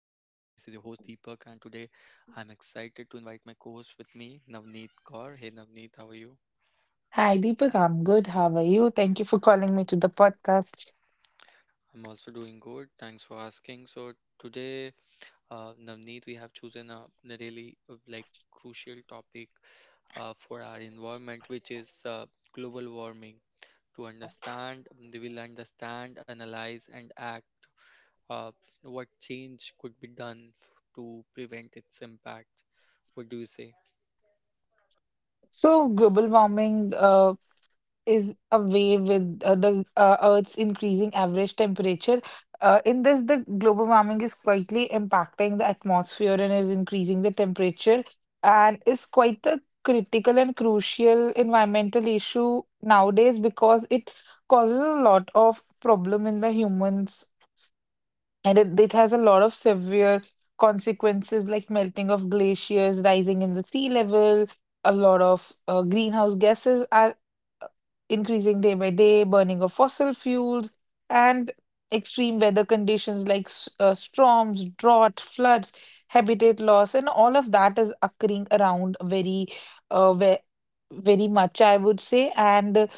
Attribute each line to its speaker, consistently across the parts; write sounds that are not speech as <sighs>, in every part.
Speaker 1: Deepak, and today I'm excited to invite my co-host with me, Navneet Kaur. Hey Navneet, how are you?
Speaker 2: Hi, Deepak. I'm good. How are you? Thank you for calling me to the podcast.
Speaker 1: I'm also doing good. Thanks for asking. So today, Navneet, we have chosen a really crucial topic for our environment, which is global warming. To understand, they will understand, analyze, and act. Uh, what change could be done to prevent its impact? What do you say?
Speaker 2: So, global warming is a way with the Earth's increasing average temperature. In this, the global warming is quietly impacting the atmosphere and is increasing the temperature, and is quite a critical and crucial environmental issue nowadays because it causes a lot of problem in the humans. And it has a lot of severe consequences like melting of glaciers, rising in the sea level, a lot of greenhouse gases are increasing day by day, burning of fossil fuels, and extreme weather conditions like storms, drought, floods, habitat loss, and all of that is occurring around uh, ve very much, I would say. And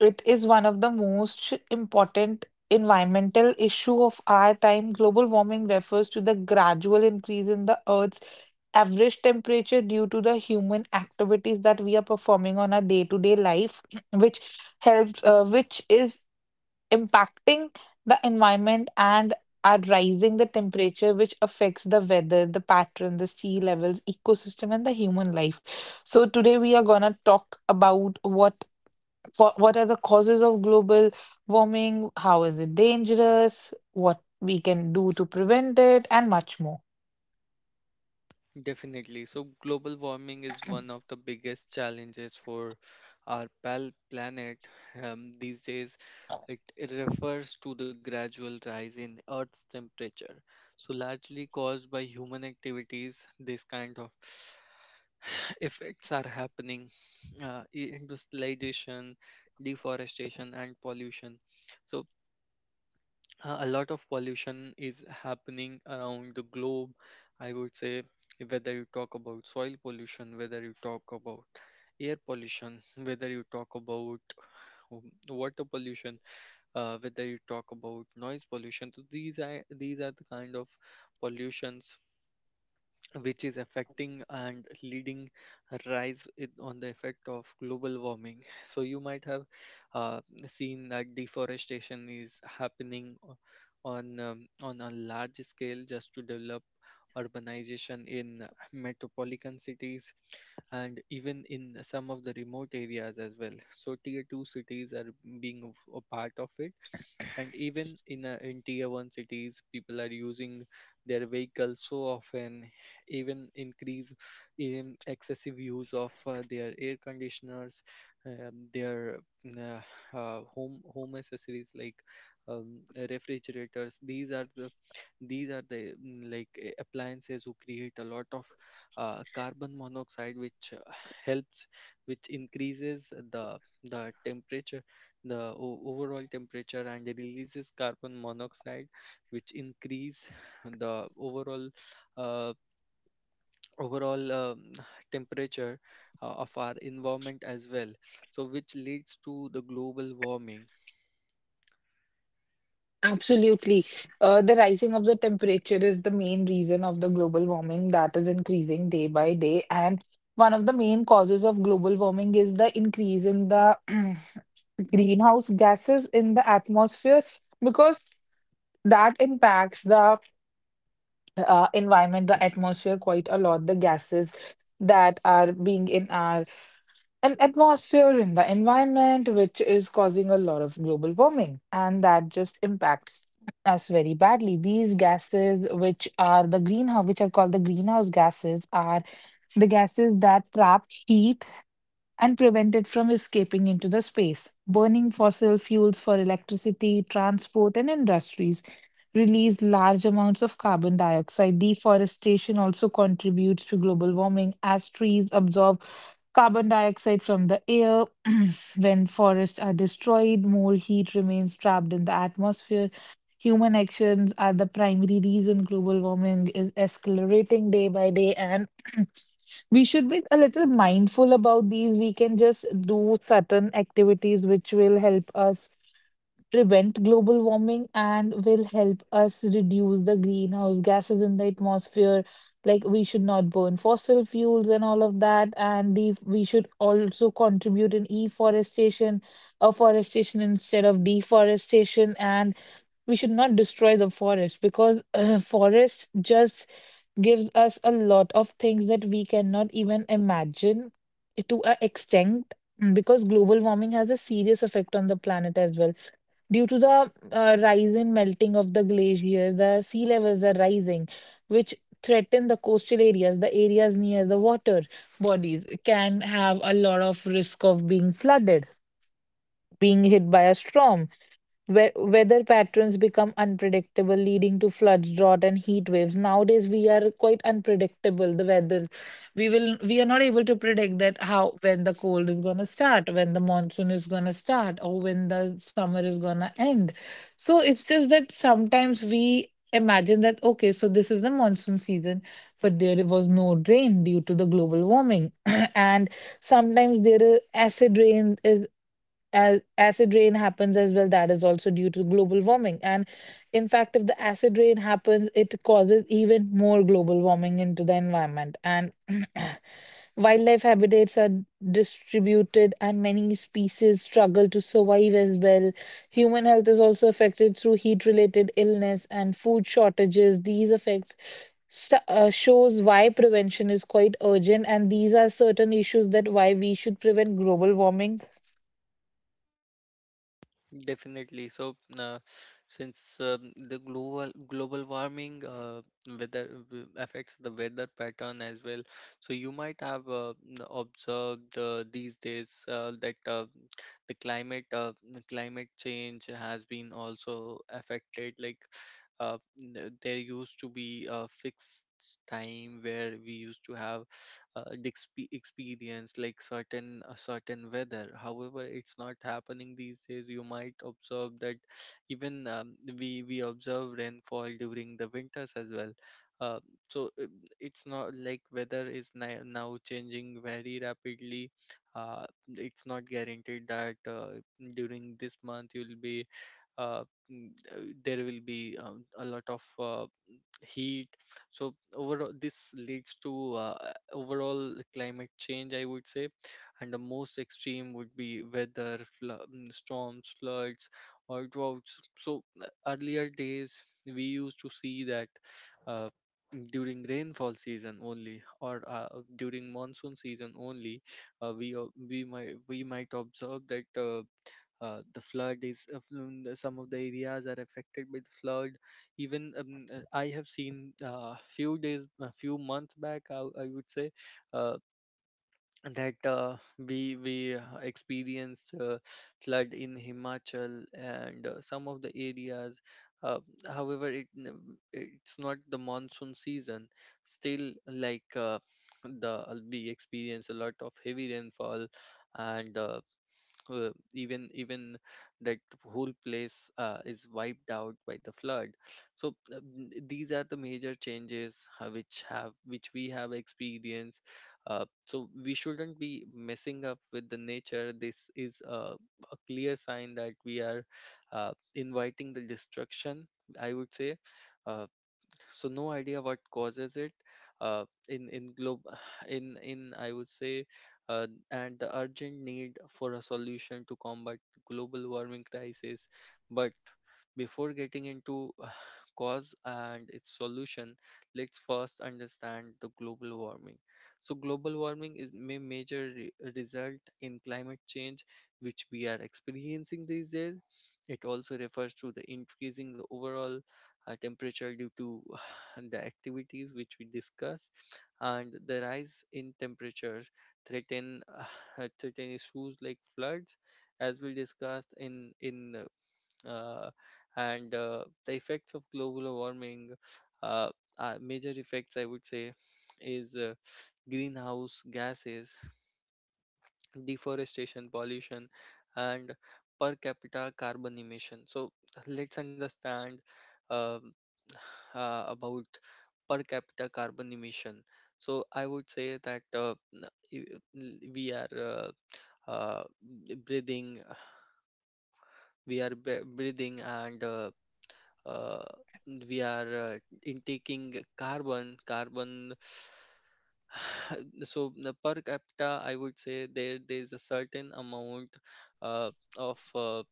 Speaker 2: it is one of the most important environmental issue of our time. Global warming refers to the gradual increase in the Earth's average temperature due to the human activities that we are performing on our day-to-day life, <clears throat> which which is impacting the environment and are rising the temperature, which affects the weather, the pattern, the sea levels, ecosystem, and the human life. So today we are gonna talk about what are the causes of global warming, how is it dangerous, what we can do to prevent it, and much more.
Speaker 1: Definitely. So, global warming is one
Speaker 2: <clears throat>
Speaker 1: of the biggest challenges for our planet these days. It refers to the gradual rise in Earth's temperature. So, largely caused by human activities, this kind of <sighs> effects are happening, industrialization, deforestation, and pollution. So, a lot of pollution is happening around the globe. I would say, whether you talk about soil pollution, whether you talk about air pollution, whether you talk about um, water pollution, whether you talk about noise pollution. So these are the kind of pollutions which is affecting and leading a rise in, on the effect of global warming. <laughs> so you might have uh, seen that deforestation is happening on a large scale just to develop urbanization in metropolitan cities, and even in some of the remote areas as well. So tier 2 cities are being a part of it, and even in tier 1 cities people are using their vehicles so often, even increase in excessive use of their air conditioners, their home accessories like um, refrigerators. These are the, these are the appliances who create a lot of carbon monoxide, which helps which increases the temperature, the overall temperature, and it releases carbon monoxide which increase the overall, uh, overall um, <sighs> temperature of our environment as well, so which leads to the global warming.
Speaker 2: Absolutely. The rising of the temperature is the main reason of the global warming that is increasing day by day. And one of the main causes of global warming is the increase in the <clears throat> greenhouse gases in the atmosphere because that impacts the environment, the atmosphere, quite a lot. The gases that are being in our an atmosphere in the environment, which is causing a lot of global warming, and that just impacts us very badly. These gases, which are the greenhouse, which are called the greenhouse gases, are the gases that trap heat and prevent it from escaping into the space. Burning fossil fuels for electricity, transport, and industries release large amounts of carbon dioxide. Deforestation also contributes to global warming as trees absorb carbon dioxide from the air. <clears throat> When forests are destroyed, more heat remains trapped in the atmosphere. Human actions are the primary reason global warming is escalating day by day, and <clears throat> we should be a little mindful about these. We can just do certain activities which will help us prevent global warming and will help us reduce the greenhouse gases in the atmosphere. Like we should not burn fossil fuels and all of that, and the, we should also contribute in afforestation, afforestation instead of deforestation, and we should not destroy the forest because <laughs> forest just gives us a lot of things that we cannot even imagine to an extent, mm, because global warming has a serious effect on the planet as well. Due to the rise and melting of the glacier, the sea levels are rising, which threaten the coastal areas. The areas near the water bodies can have a lot of risk of being flooded, being hit by a storm. Weather patterns become unpredictable, leading to floods, drought, and heat waves. Nowadays, we are quite unpredictable. The weather, we are not able to predict that how when the cold is gonna start, when the monsoon is gonna start, or when the summer is gonna end. So it's just that sometimes we imagine that okay, so this is the monsoon season, but there was no rain due to the global warming, <clears throat> and sometimes there is acid rain. As acid rain happens as well, that is also due to global warming. And in fact, if the acid rain happens, it causes even more global warming into the environment. And <clears throat> wildlife habitats are distributed, and many species struggle to survive as well. Human health is also affected through heat-related illness and food shortages. These effects shows why prevention is quite urgent, and these are certain issues that why we should prevent global warming.
Speaker 1: Definitely. So, since the global warming affects the weather pattern as well, so you might have observed these days that the climate change has been also affected. Like, there used to be a fixed time where we used to have experience like certain a certain weather, however it's not happening these days. You might observe that even, we observe rainfall during the winters as well. uh, so uh, it's not like weather is now changing very rapidly. uh, it's not guaranteed that during this month you'll be uh, mm, there will be a lot of heat. So overall this leads to overall climate change, I would say, and the most extreme would be weather, storms, floods, or droughts. So earlier days we used to see that uh, during rainfall season only, or during monsoon season only we might we might observe that the flood is fl- some of the areas are affected by the flood. Even, I have seen, few days a few months back, I would say, uh, that we experienced flood in Himachal and some of the areas, uh, however it, it's not the monsoon season. Still, like, the we experience a lot of heavy rainfall, and even that whole place is wiped out by the flood. So, these are the major changes which we have experienced. So we shouldn't be messing up with the nature. This is a clear sign that we are inviting the destruction, I would say. Uh, so no idea what causes it, in globe, <sighs> in I would say, and the urgent need for a solution to combat global warming crisis. But before getting into cause and its solution, let's first understand the global warming. So global warming is may major result in climate change which we are experiencing these days. It also refers to the increasing the overall temperature due to and the activities which we discuss, and the rise in temperatures threaten, <sighs> <laughs> threaten issues like floods, as we discussed in, uh, and the effects of global warming, uh, major effects I would say is greenhouse gases, deforestation, pollution, and per capita carbon emission. So let's understand um, <sighs> about per capita carbon emission. So I would say that we are, breathing, breathing, and uh, we are intaking carbon. Carbon, <sighs> <laughs> so the per capita I would say there's a certain amount uh, of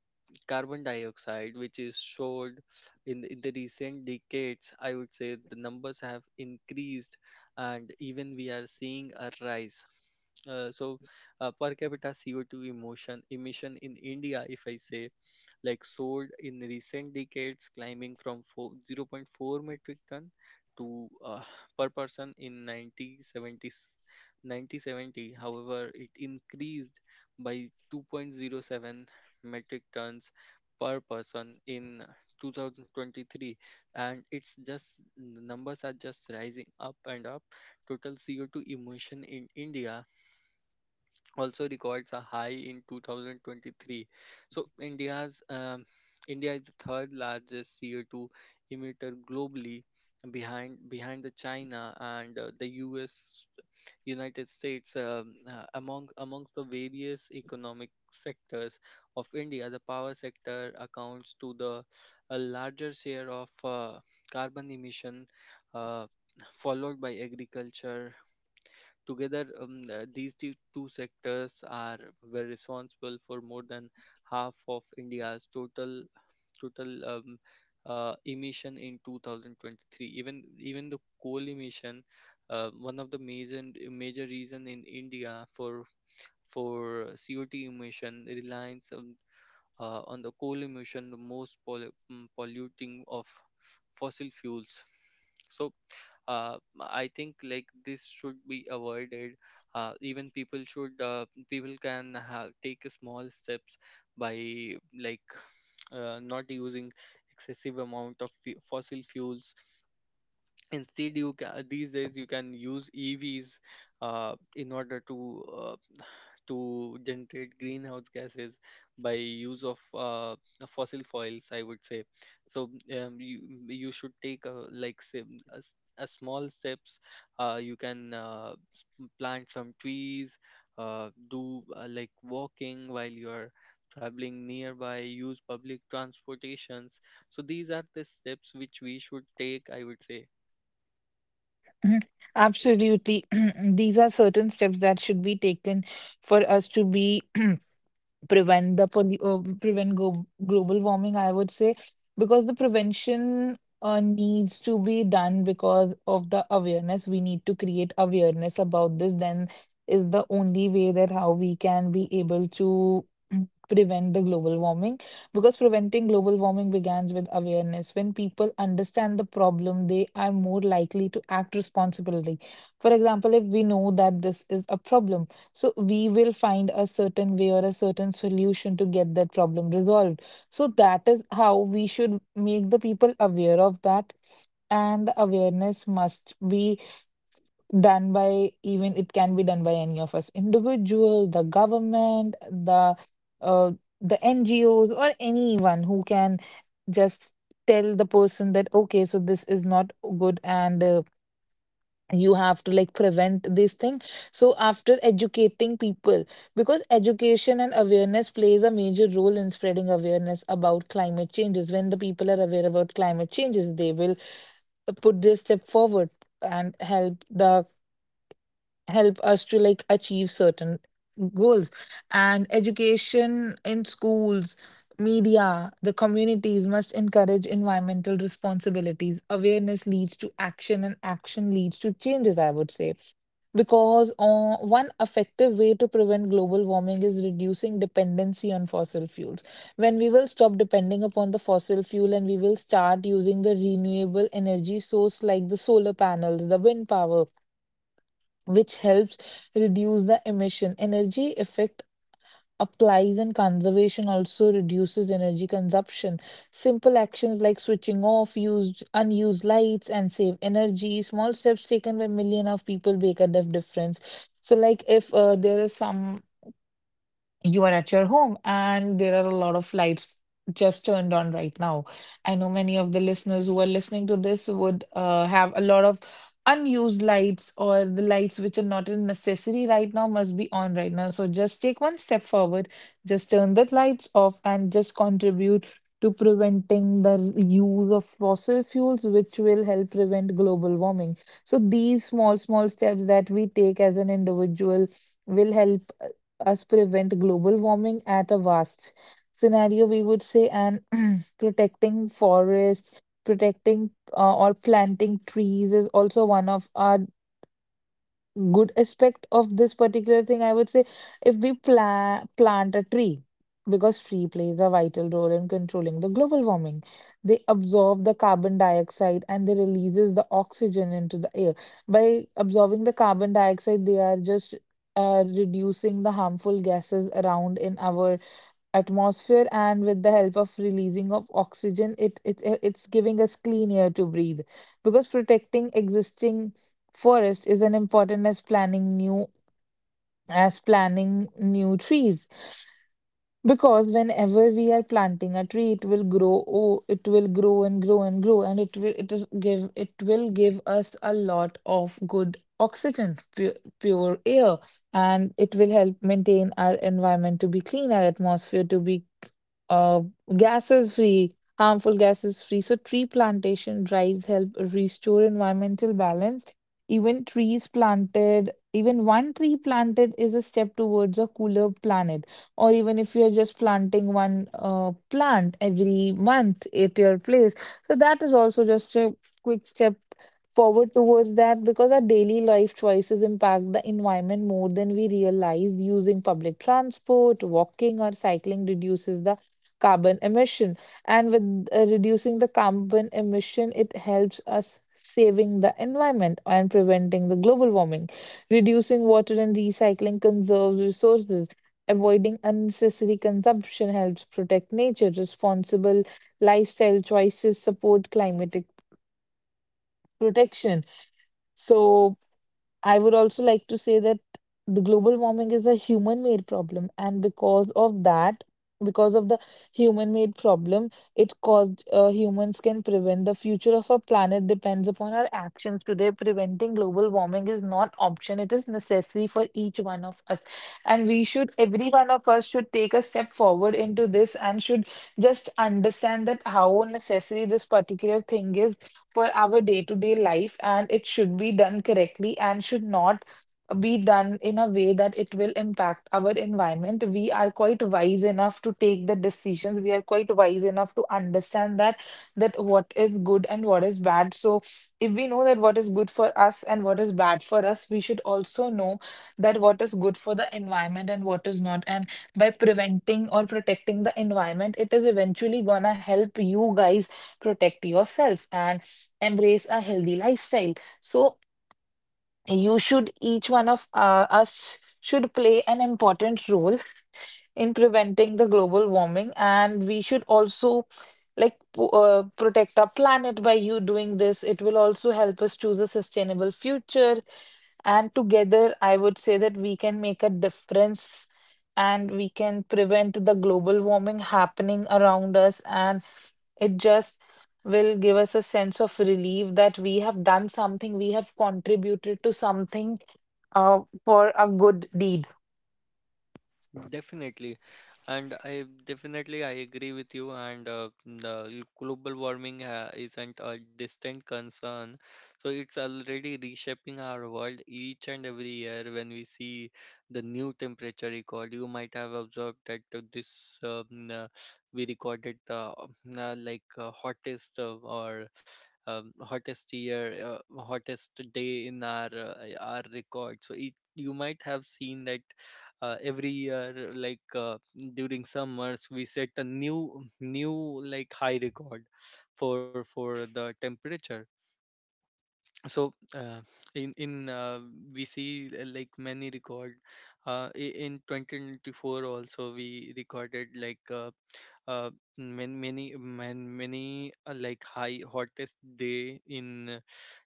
Speaker 1: carbon dioxide which is stored in the recent decades. I would say the numbers have increased and even we are seeing a rise. uh, so per capita CO2 emotion emission in India, if I say, like sold in recent decades, climbing from 4, 0 0.4 metric ton to per person in 1970. However, it increased by 2.07 metric tons per person in 2023, and it's just the numbers are just rising up and up. Total CO2 emission in India also records a high in 2023. So India's, India is the third largest CO2 emitter globally, behind the China and the US, United States. Amongst the various economic sectors of India, the power sector accounts to the a larger share of carbon emission, Uh, followed by agriculture. Together, these two sectors are, were responsible for more than half of India's total emission in 2023. Even the coal emission, one of the major reason in India for CO2 emission, reliance on the coal emission, the most polluting of fossil fuels. So I think like this should be avoided. Even people should people can take a small steps by, like, <sniffs> not using excessive amount of fossil fuels. Instead you can, these days you can use evs in order to generate greenhouse gases by use of fossil fuels, I would say. So you, you should take a, like say a, a small steps. uh, you can uh, s- plant some trees, do like walking while you're traveling nearby, use public transportations. So these are the steps which we should take, I would say.
Speaker 2: Mhm. Absolutely. <clears throat> These are certain steps that should be taken for us to be <clears throat> prevent global warming, I would say, because the prevention needs to be done because of the awareness. We need to create awareness about this. Then is the only way that how we can be able to <clears throat> mm, prevent the global warming, because preventing global warming begins with awareness. When people understand the problem, they are more likely to act responsibly. For example, if we know that this is a problem, so we will find a certain way or a certain solution to get that problem resolved. So that is how we should make the people aware of that. And the awareness must be done by, even it can be done by any of us, individual, the government, uh, the NGOs, or anyone who can just tell the person that, okay, so this is not good, and you have to like prevent this thing. So after educating people, because education and awareness plays a major role in spreading awareness about climate changes. When the people are aware about climate changes, they will put this step forward and help us to like achieve certain goals. And education in schools, media, the communities must encourage environmental responsibilities. Awareness leads to action and action leads to changes, I would say, because one effective way to prevent global warming is reducing dependency on fossil fuels. When we will stop depending upon the fossil fuel and we will start using the renewable energy source like the solar panels, the wind power, which helps reduce the emission. Energy effect applies and conservation also reduces energy consumption. Simple actions like switching off used unused lights and save energy. Small steps taken by million of people make a difference. So, like if there is some, you are at your home, and there are a lot of lights just turned on right now. I know many of the listeners who are listening to this would have a lot of unused lights, or the lights which are not a necessary right now must be on right now. So just take one step forward, just turn the lights off, and just contribute to preventing the use of fossil fuels, which will help prevent global warming. So these small, small steps that we take as an individual will help us prevent global warming at a vast scenario, we would say, and <clears throat> protecting forests, protecting or planting trees is also one of our good aspect of this particular thing, I would say. If we plant a tree, because tree plays a vital role in controlling the global warming. They absorb the carbon dioxide and they releases the oxygen into the air. By absorbing the carbon dioxide, they are just reducing the harmful gases around in our atmosphere, and with the help of releasing of oxygen, it's giving us clean air to breathe, because protecting existing forest is an important as planning new, as planning new trees, because whenever we are planting a tree, it will grow. Oh, it will grow and grow and grow, and it will give us a lot of good oxygen, pure, pure air, and it will help maintain our environment to be clean, our atmosphere to be uh, gases free, harmful gases free. So tree plantation drives help restore environmental balance. Even trees planted, even one tree planted is a step towards a cooler planet, or even if you're just planting one plant every month at your place, so that is also just a quick step forward towards that, because our daily life choices impact the environment more than we realize. Using public transport, walking or cycling reduces the carbon emission, and with reducing the carbon emission, it helps us saving the environment and preventing the global warming. Reducing water and recycling conserves resources. Avoiding unnecessary consumption helps protect nature. Responsible lifestyle choices support climatic protection. So, I would also like to say that the global warming is a human made problem, and because of that, because of the human made problem, it caused, humans can prevent, the future of our planet depends upon our actions today. Preventing global warming is not option, it is necessary for each one of us. And we should, every one of us should take a step forward into this and should just understand that how necessary this particular thing is for our day-to-day life, and it should be done correctly and should not be done in a way that it will impact our environment. We are quite wise enough to take the decisions. We are quite wise enough to understand that that what is good and what is bad. So if we know that what is good for us and what is bad for us, we should also know that what is good for the environment and what is not. And by preventing or protecting the environment, it is eventually gonna help you guys protect yourself. And embrace a healthy lifestyle. So you should, each one of us should play an important role in preventing the global warming, and we should also like protect our planet by you doing this. It will also help us choose a sustainable future, and together, I would say that we can make a difference and we can prevent the global warming happening around us. And it just will give us a sense of relief that we have done something, we have contributed to something for a good deed.
Speaker 1: Definitely, and I agree with you. And the global warming ha isn't a distant concern, so it's already reshaping our world each and every year. When we see the new temperature record, you might have observed that this we recorded the uh, like uh, hottest uh, or hottest year, hottest day in our, our record. So it, you might have seen that every year, like, during summers, we set a new like high record for the temperature. So in we see, like many record, in 2024 also we recorded, like, uh, many like high hottest day in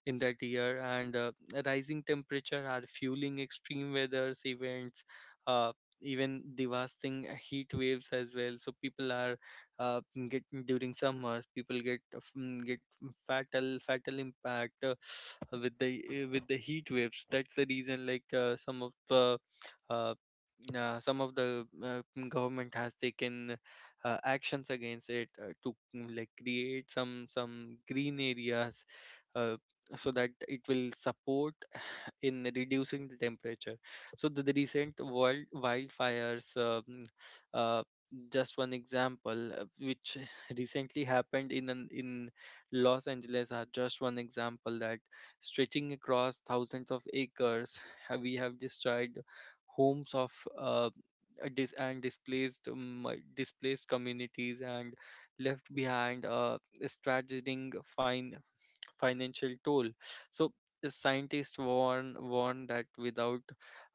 Speaker 1: in that year. And rising temperature are fueling extreme weathers events, uh, even devastating heat waves as well. So people are, uh, get during summers, people get get fatal impact with the, with the heat waves. That's the reason, like, uh, some of the government has taken actions against it to, like create some green areas uh, so that it will support in reducing the temperature. So the recent wild wildfires, uh, just one example, which <laughs> recently happened in an, in Los Angeles, are just one example that, stretching across thousands of acres, we have destroyed homes of, and displaced, displaced communities and left behind a straddling fine financial toll. So the scientists warn that without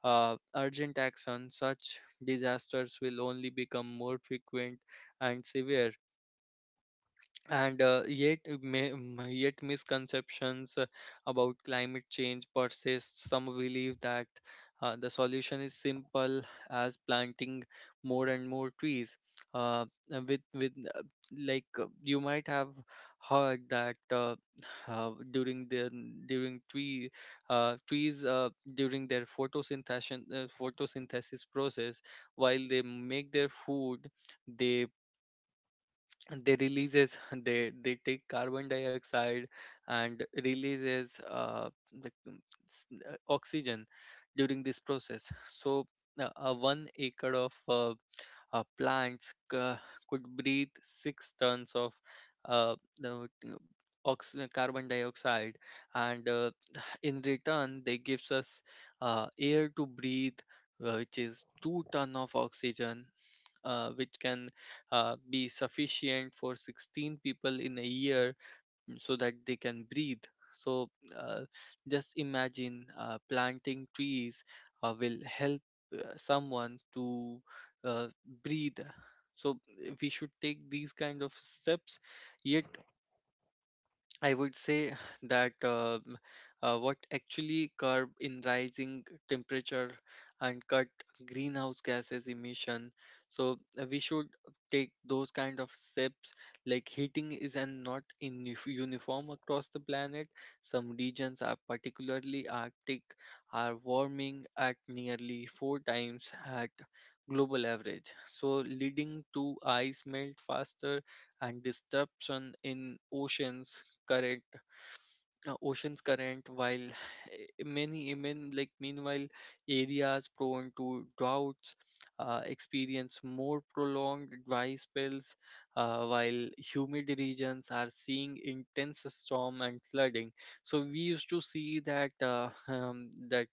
Speaker 1: urgent action, such disasters will only become more frequent and severe, and yet misconceptions about climate change persist. Some believe that the solution is simple as planting more and more trees, uh, with like you might have heard that <sighs> during the during tree trees, during their photosynthesis process, while they make their food, they they releases <laughs> they take carbon dioxide and releases the um, oxygen during this process. So 1 acre of plants could breathe 6 tons of uh, the, uh, carbon dioxide, and <sighs> in return they gives us air to breathe, which is 2 ton of oxygen, which can be sufficient for 16 people in a year, so that they can breathe. So uh, just imagine planting trees will help someone to uh, breathe. So we should take these kind of steps, yet I would say that what actually curb in rising temperature and cut greenhouse gases emission. So we should take those kind of steps. Like heating is an not in uniform across the planet. Some regions, are particularly Arctic, are warming at nearly four times at global average, so leading to ice melt faster and disruption in oceans. Correct, ocean's current, while <laughs> many even like meanwhile areas prone to droughts experience more prolonged dry spells, while humid regions are seeing intense storm and flooding. So we used to see that, <laughs> that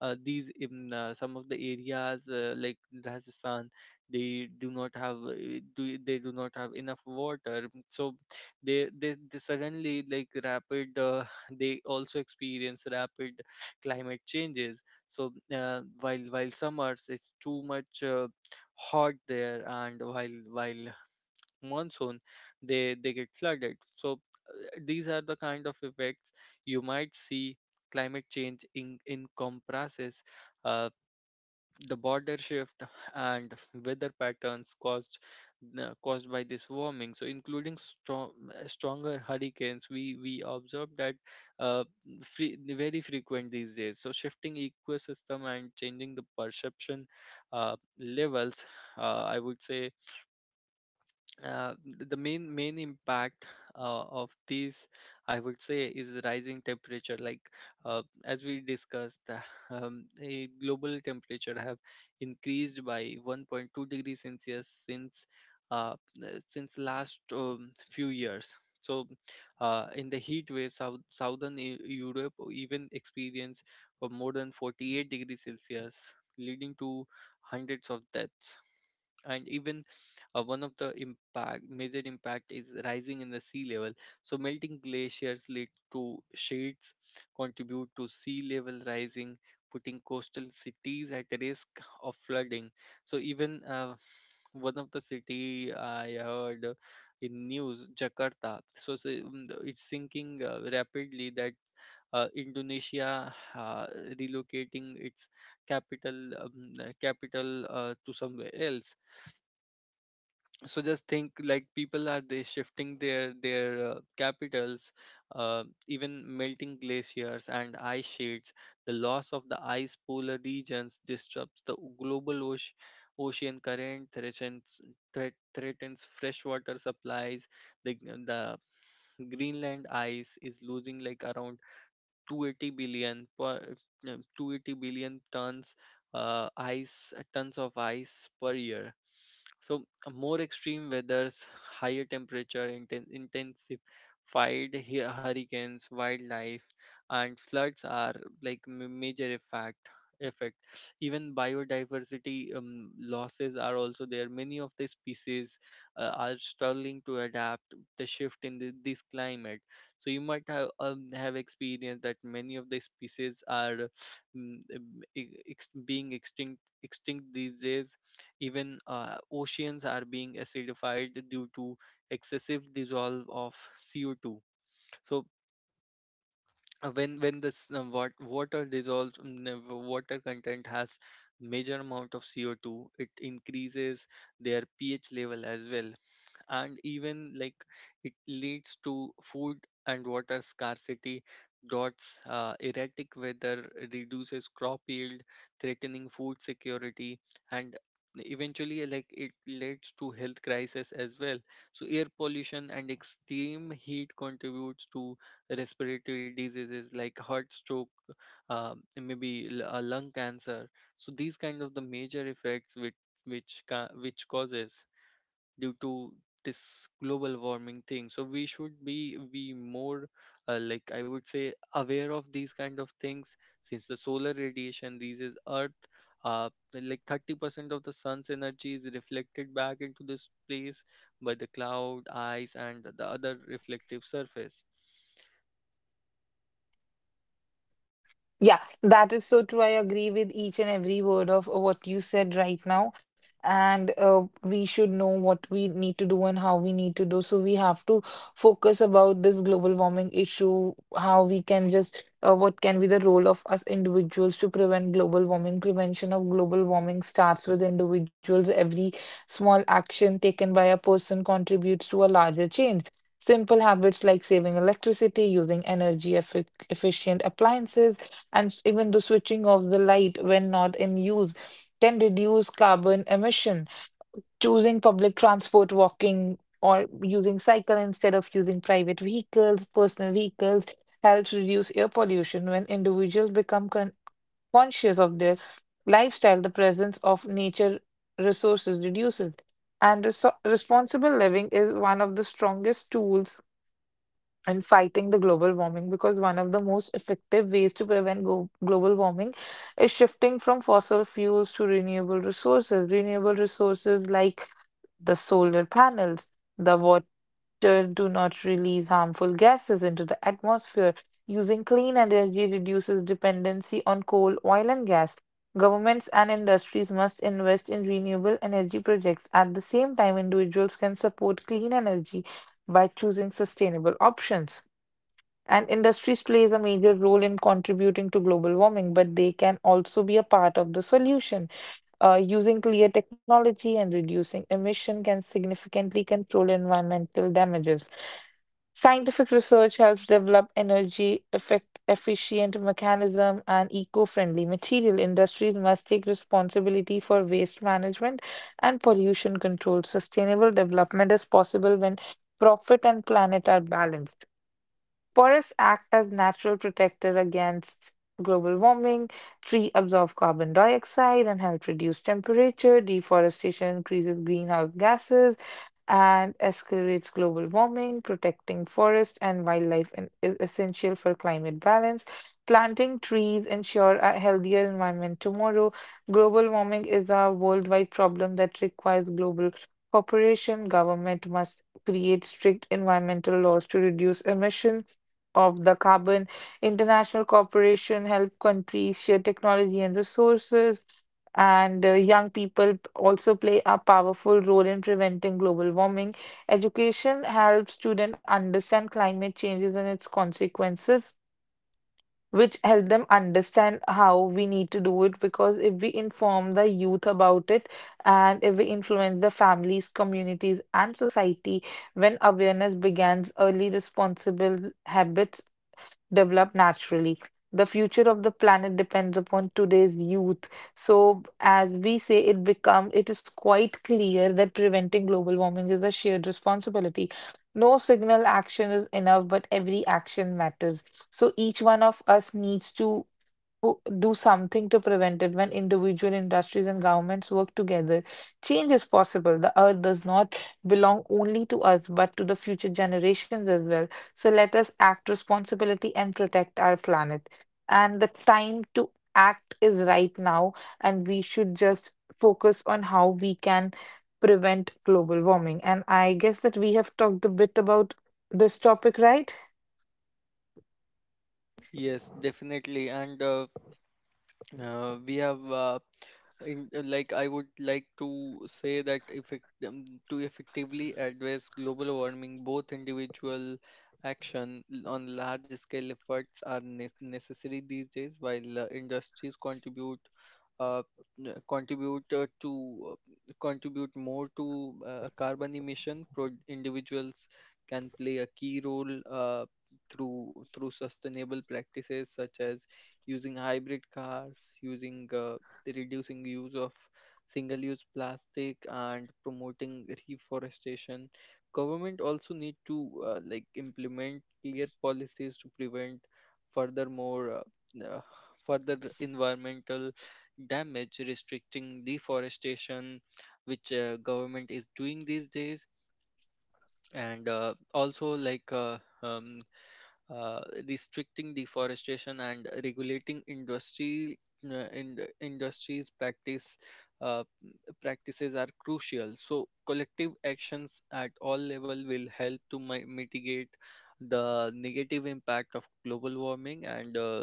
Speaker 1: these in some of the areas like Rajasthan, they do not have, they do not have enough water, so they suddenly like rapid they also experience rapid climate changes. So while summers it's too much hot there, and while monsoon they get flooded. So these are the kind of effects you might see. Climate change in comprises the border shift and weather patterns caused, caused by this warming, so including stronger hurricanes. We observe that uh, very frequent these days, so shifting ecosystem and changing the perception levels. I would say the main impact of these, I would say, is the rising temperature. Like as we discussed, the global temperature have increased by 1.2 degrees celsius uh, since last few years. So in the heat wave, southern europe even experienced of more than 48 degrees celsius, leading to hundreds of deaths. And even, one of the major impact is rising in the sea level. So melting glaciers lead to contribute to sea level rising, putting coastal cities at risk of flooding. So even, one of the city I heard in news, Jakarta. It's sinking rapidly. That Indonesia relocating its capital to somewhere else. So just think like people are they shifting their capitals. Even melting glaciers and ice sheets, the loss of the ice polar regions disrupts the global ocean current, threatens freshwater supplies. The the greenland ice is losing like around 280 billion per, no, 280 billion tons, ice tons of ice per year. So more extreme weathers, higher temperature, intensified hurricanes, wildlife and floods are like major effect. Even biodiversity losses are also there. Many of the species are struggling to adapt the shift in this climate. So you might have experienced that many of the species are mm, e- ex- being extinct extinct these days. Even oceans are being acidified due to excessive dissolve of CO2. So when this water dissolves, water content has major amount of CO2. It increases their pH level as well. And even like it leads to food and water scarcity, droughts, erratic weather reduces crop yield, threatening food security, and eventually like it leads to health crisis as well. So air pollution and extreme heat contributes to respiratory diseases like heart stroke, uh, lung cancer. So these kind of the major effects which which causes due to this global warming thing. So we should be more, I would say, aware of these kind of things. Since the solar radiation reaches earth, uh, 30% of the sun's energy is reflected back into this place by the cloud ice and the other reflective surface.
Speaker 2: Yeah, that is so true. I agree with each and every word of what you said right now. And we should know what we need to do and how we need to do. So we have to focus about this global warming issue, how we can just, what can be the role of us individuals to prevent global warming. Prevention of global warming starts with individuals. Every small action taken by a person contributes to a larger change. Simple habits like saving electricity, using energy efficient appliances, and even the switching off the light when not in use can reduce carbon emission. Choosing public transport, walking, or using cycle instead of using private vehicles, personal vehicles helps reduce air pollution when individuals become conscious of their lifestyle, the presence of nature resources reduces. And responsible living is one of the strongest tools and fighting the global warming because one of the most effective ways to prevent go global warming is shifting from fossil fuels to renewable resources. Renewable resources like the solar panels, the water do not release harmful gases into the atmosphere. Using clean energy reduces dependency on coal, oil, and gas. Governments and industries must invest in renewable energy projects. At the same time, individuals can support clean energy by choosing sustainable options. And industries plays a major role in contributing to global warming, but they can also be a part of the solution. Using clear technology and reducing emission can significantly control environmental damages. Scientific research helps develop energy effect efficient mechanism and eco-friendly material. Industries must take responsibility for waste management and pollution control. Sustainable development is possible when profit and planet are balanced. Forests act as natural protector against global warming. Tree absorb carbon dioxide and help reduce temperature. Deforestation increases greenhouse gases and accelerates global warming. Protecting forest and wildlife is essential for climate balance. Planting trees ensure a healthier environment tomorrow. Global warming is a worldwide problem that requires global cooperation. Government must create strict environmental laws to reduce emission of the carbon. International cooperation help countries share technology and resources, and young people also play a powerful role in preventing global warming. Education helps students understand climate changes and its consequences. Which help them understand how we need to do it because if we inform the youth about it and if we influence the families, communities, and society, when awareness begins, early responsible habits develop naturally. The future of the planet depends upon today's youth. So, as we say, it become it is quite clear that preventing global warming is a shared responsibility. No single action is enough, but every action matters. So each one of us needs to who do something to prevent it when individual industries and governments work together. Change is possible. The earth does not belong only to us, but to the future generations as well. So let us act responsibility and protect our planet. And the time to act is right now, and we should just focus on how we can prevent global warming. And I guess that we have talked a bit about this topic, right?
Speaker 1: Yes, definitely. And we have like I would like to say that effect to effectively address global warming, both individual action, on large scale efforts are ne necessary these days. While industries uh, contribute more to carbon emission, Pro individuals can play a key role through through sustainable practices such as using hybrid cars, using the reducing use of single-use plastic, and promoting reforestation. Government also need to implement clear policies to prevent furthermore uh, uh, further environmental damage, restricting deforestation, which government is doing these days. And also like um, uh, restricting deforestation and regulating industry, in industries uh, practices are crucial. So collective actions at all level will help to mitigate the negative impact of global warming, and,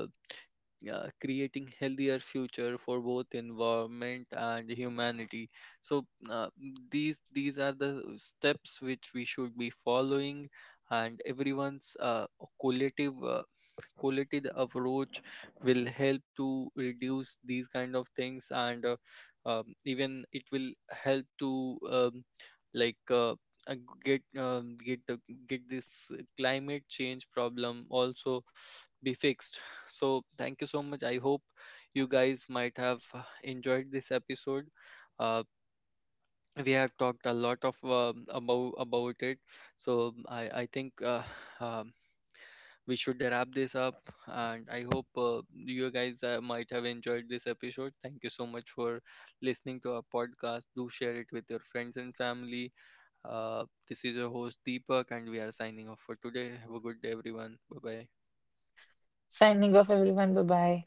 Speaker 1: yeah, creating healthier future for both environment and humanity. So these are the steps which we should be following, and everyone's collective qualitative approach will help to reduce these kind of things. And even it will help to like uh, uh, get um, get the get this climate change problem also be fixed. So thank you so much. I hope you guys might have enjoyed this episode. Uh, we have talked a lot of about it. So I think um, we should wrap this up. And I hope you guys might have enjoyed this episode. Thank you so much for listening to our podcast. Do share it with your friends and family. This is your host Deepak, and we are signing off for today. Have a good day, everyone. Bye bye.
Speaker 2: Signing off, everyone. Bye bye.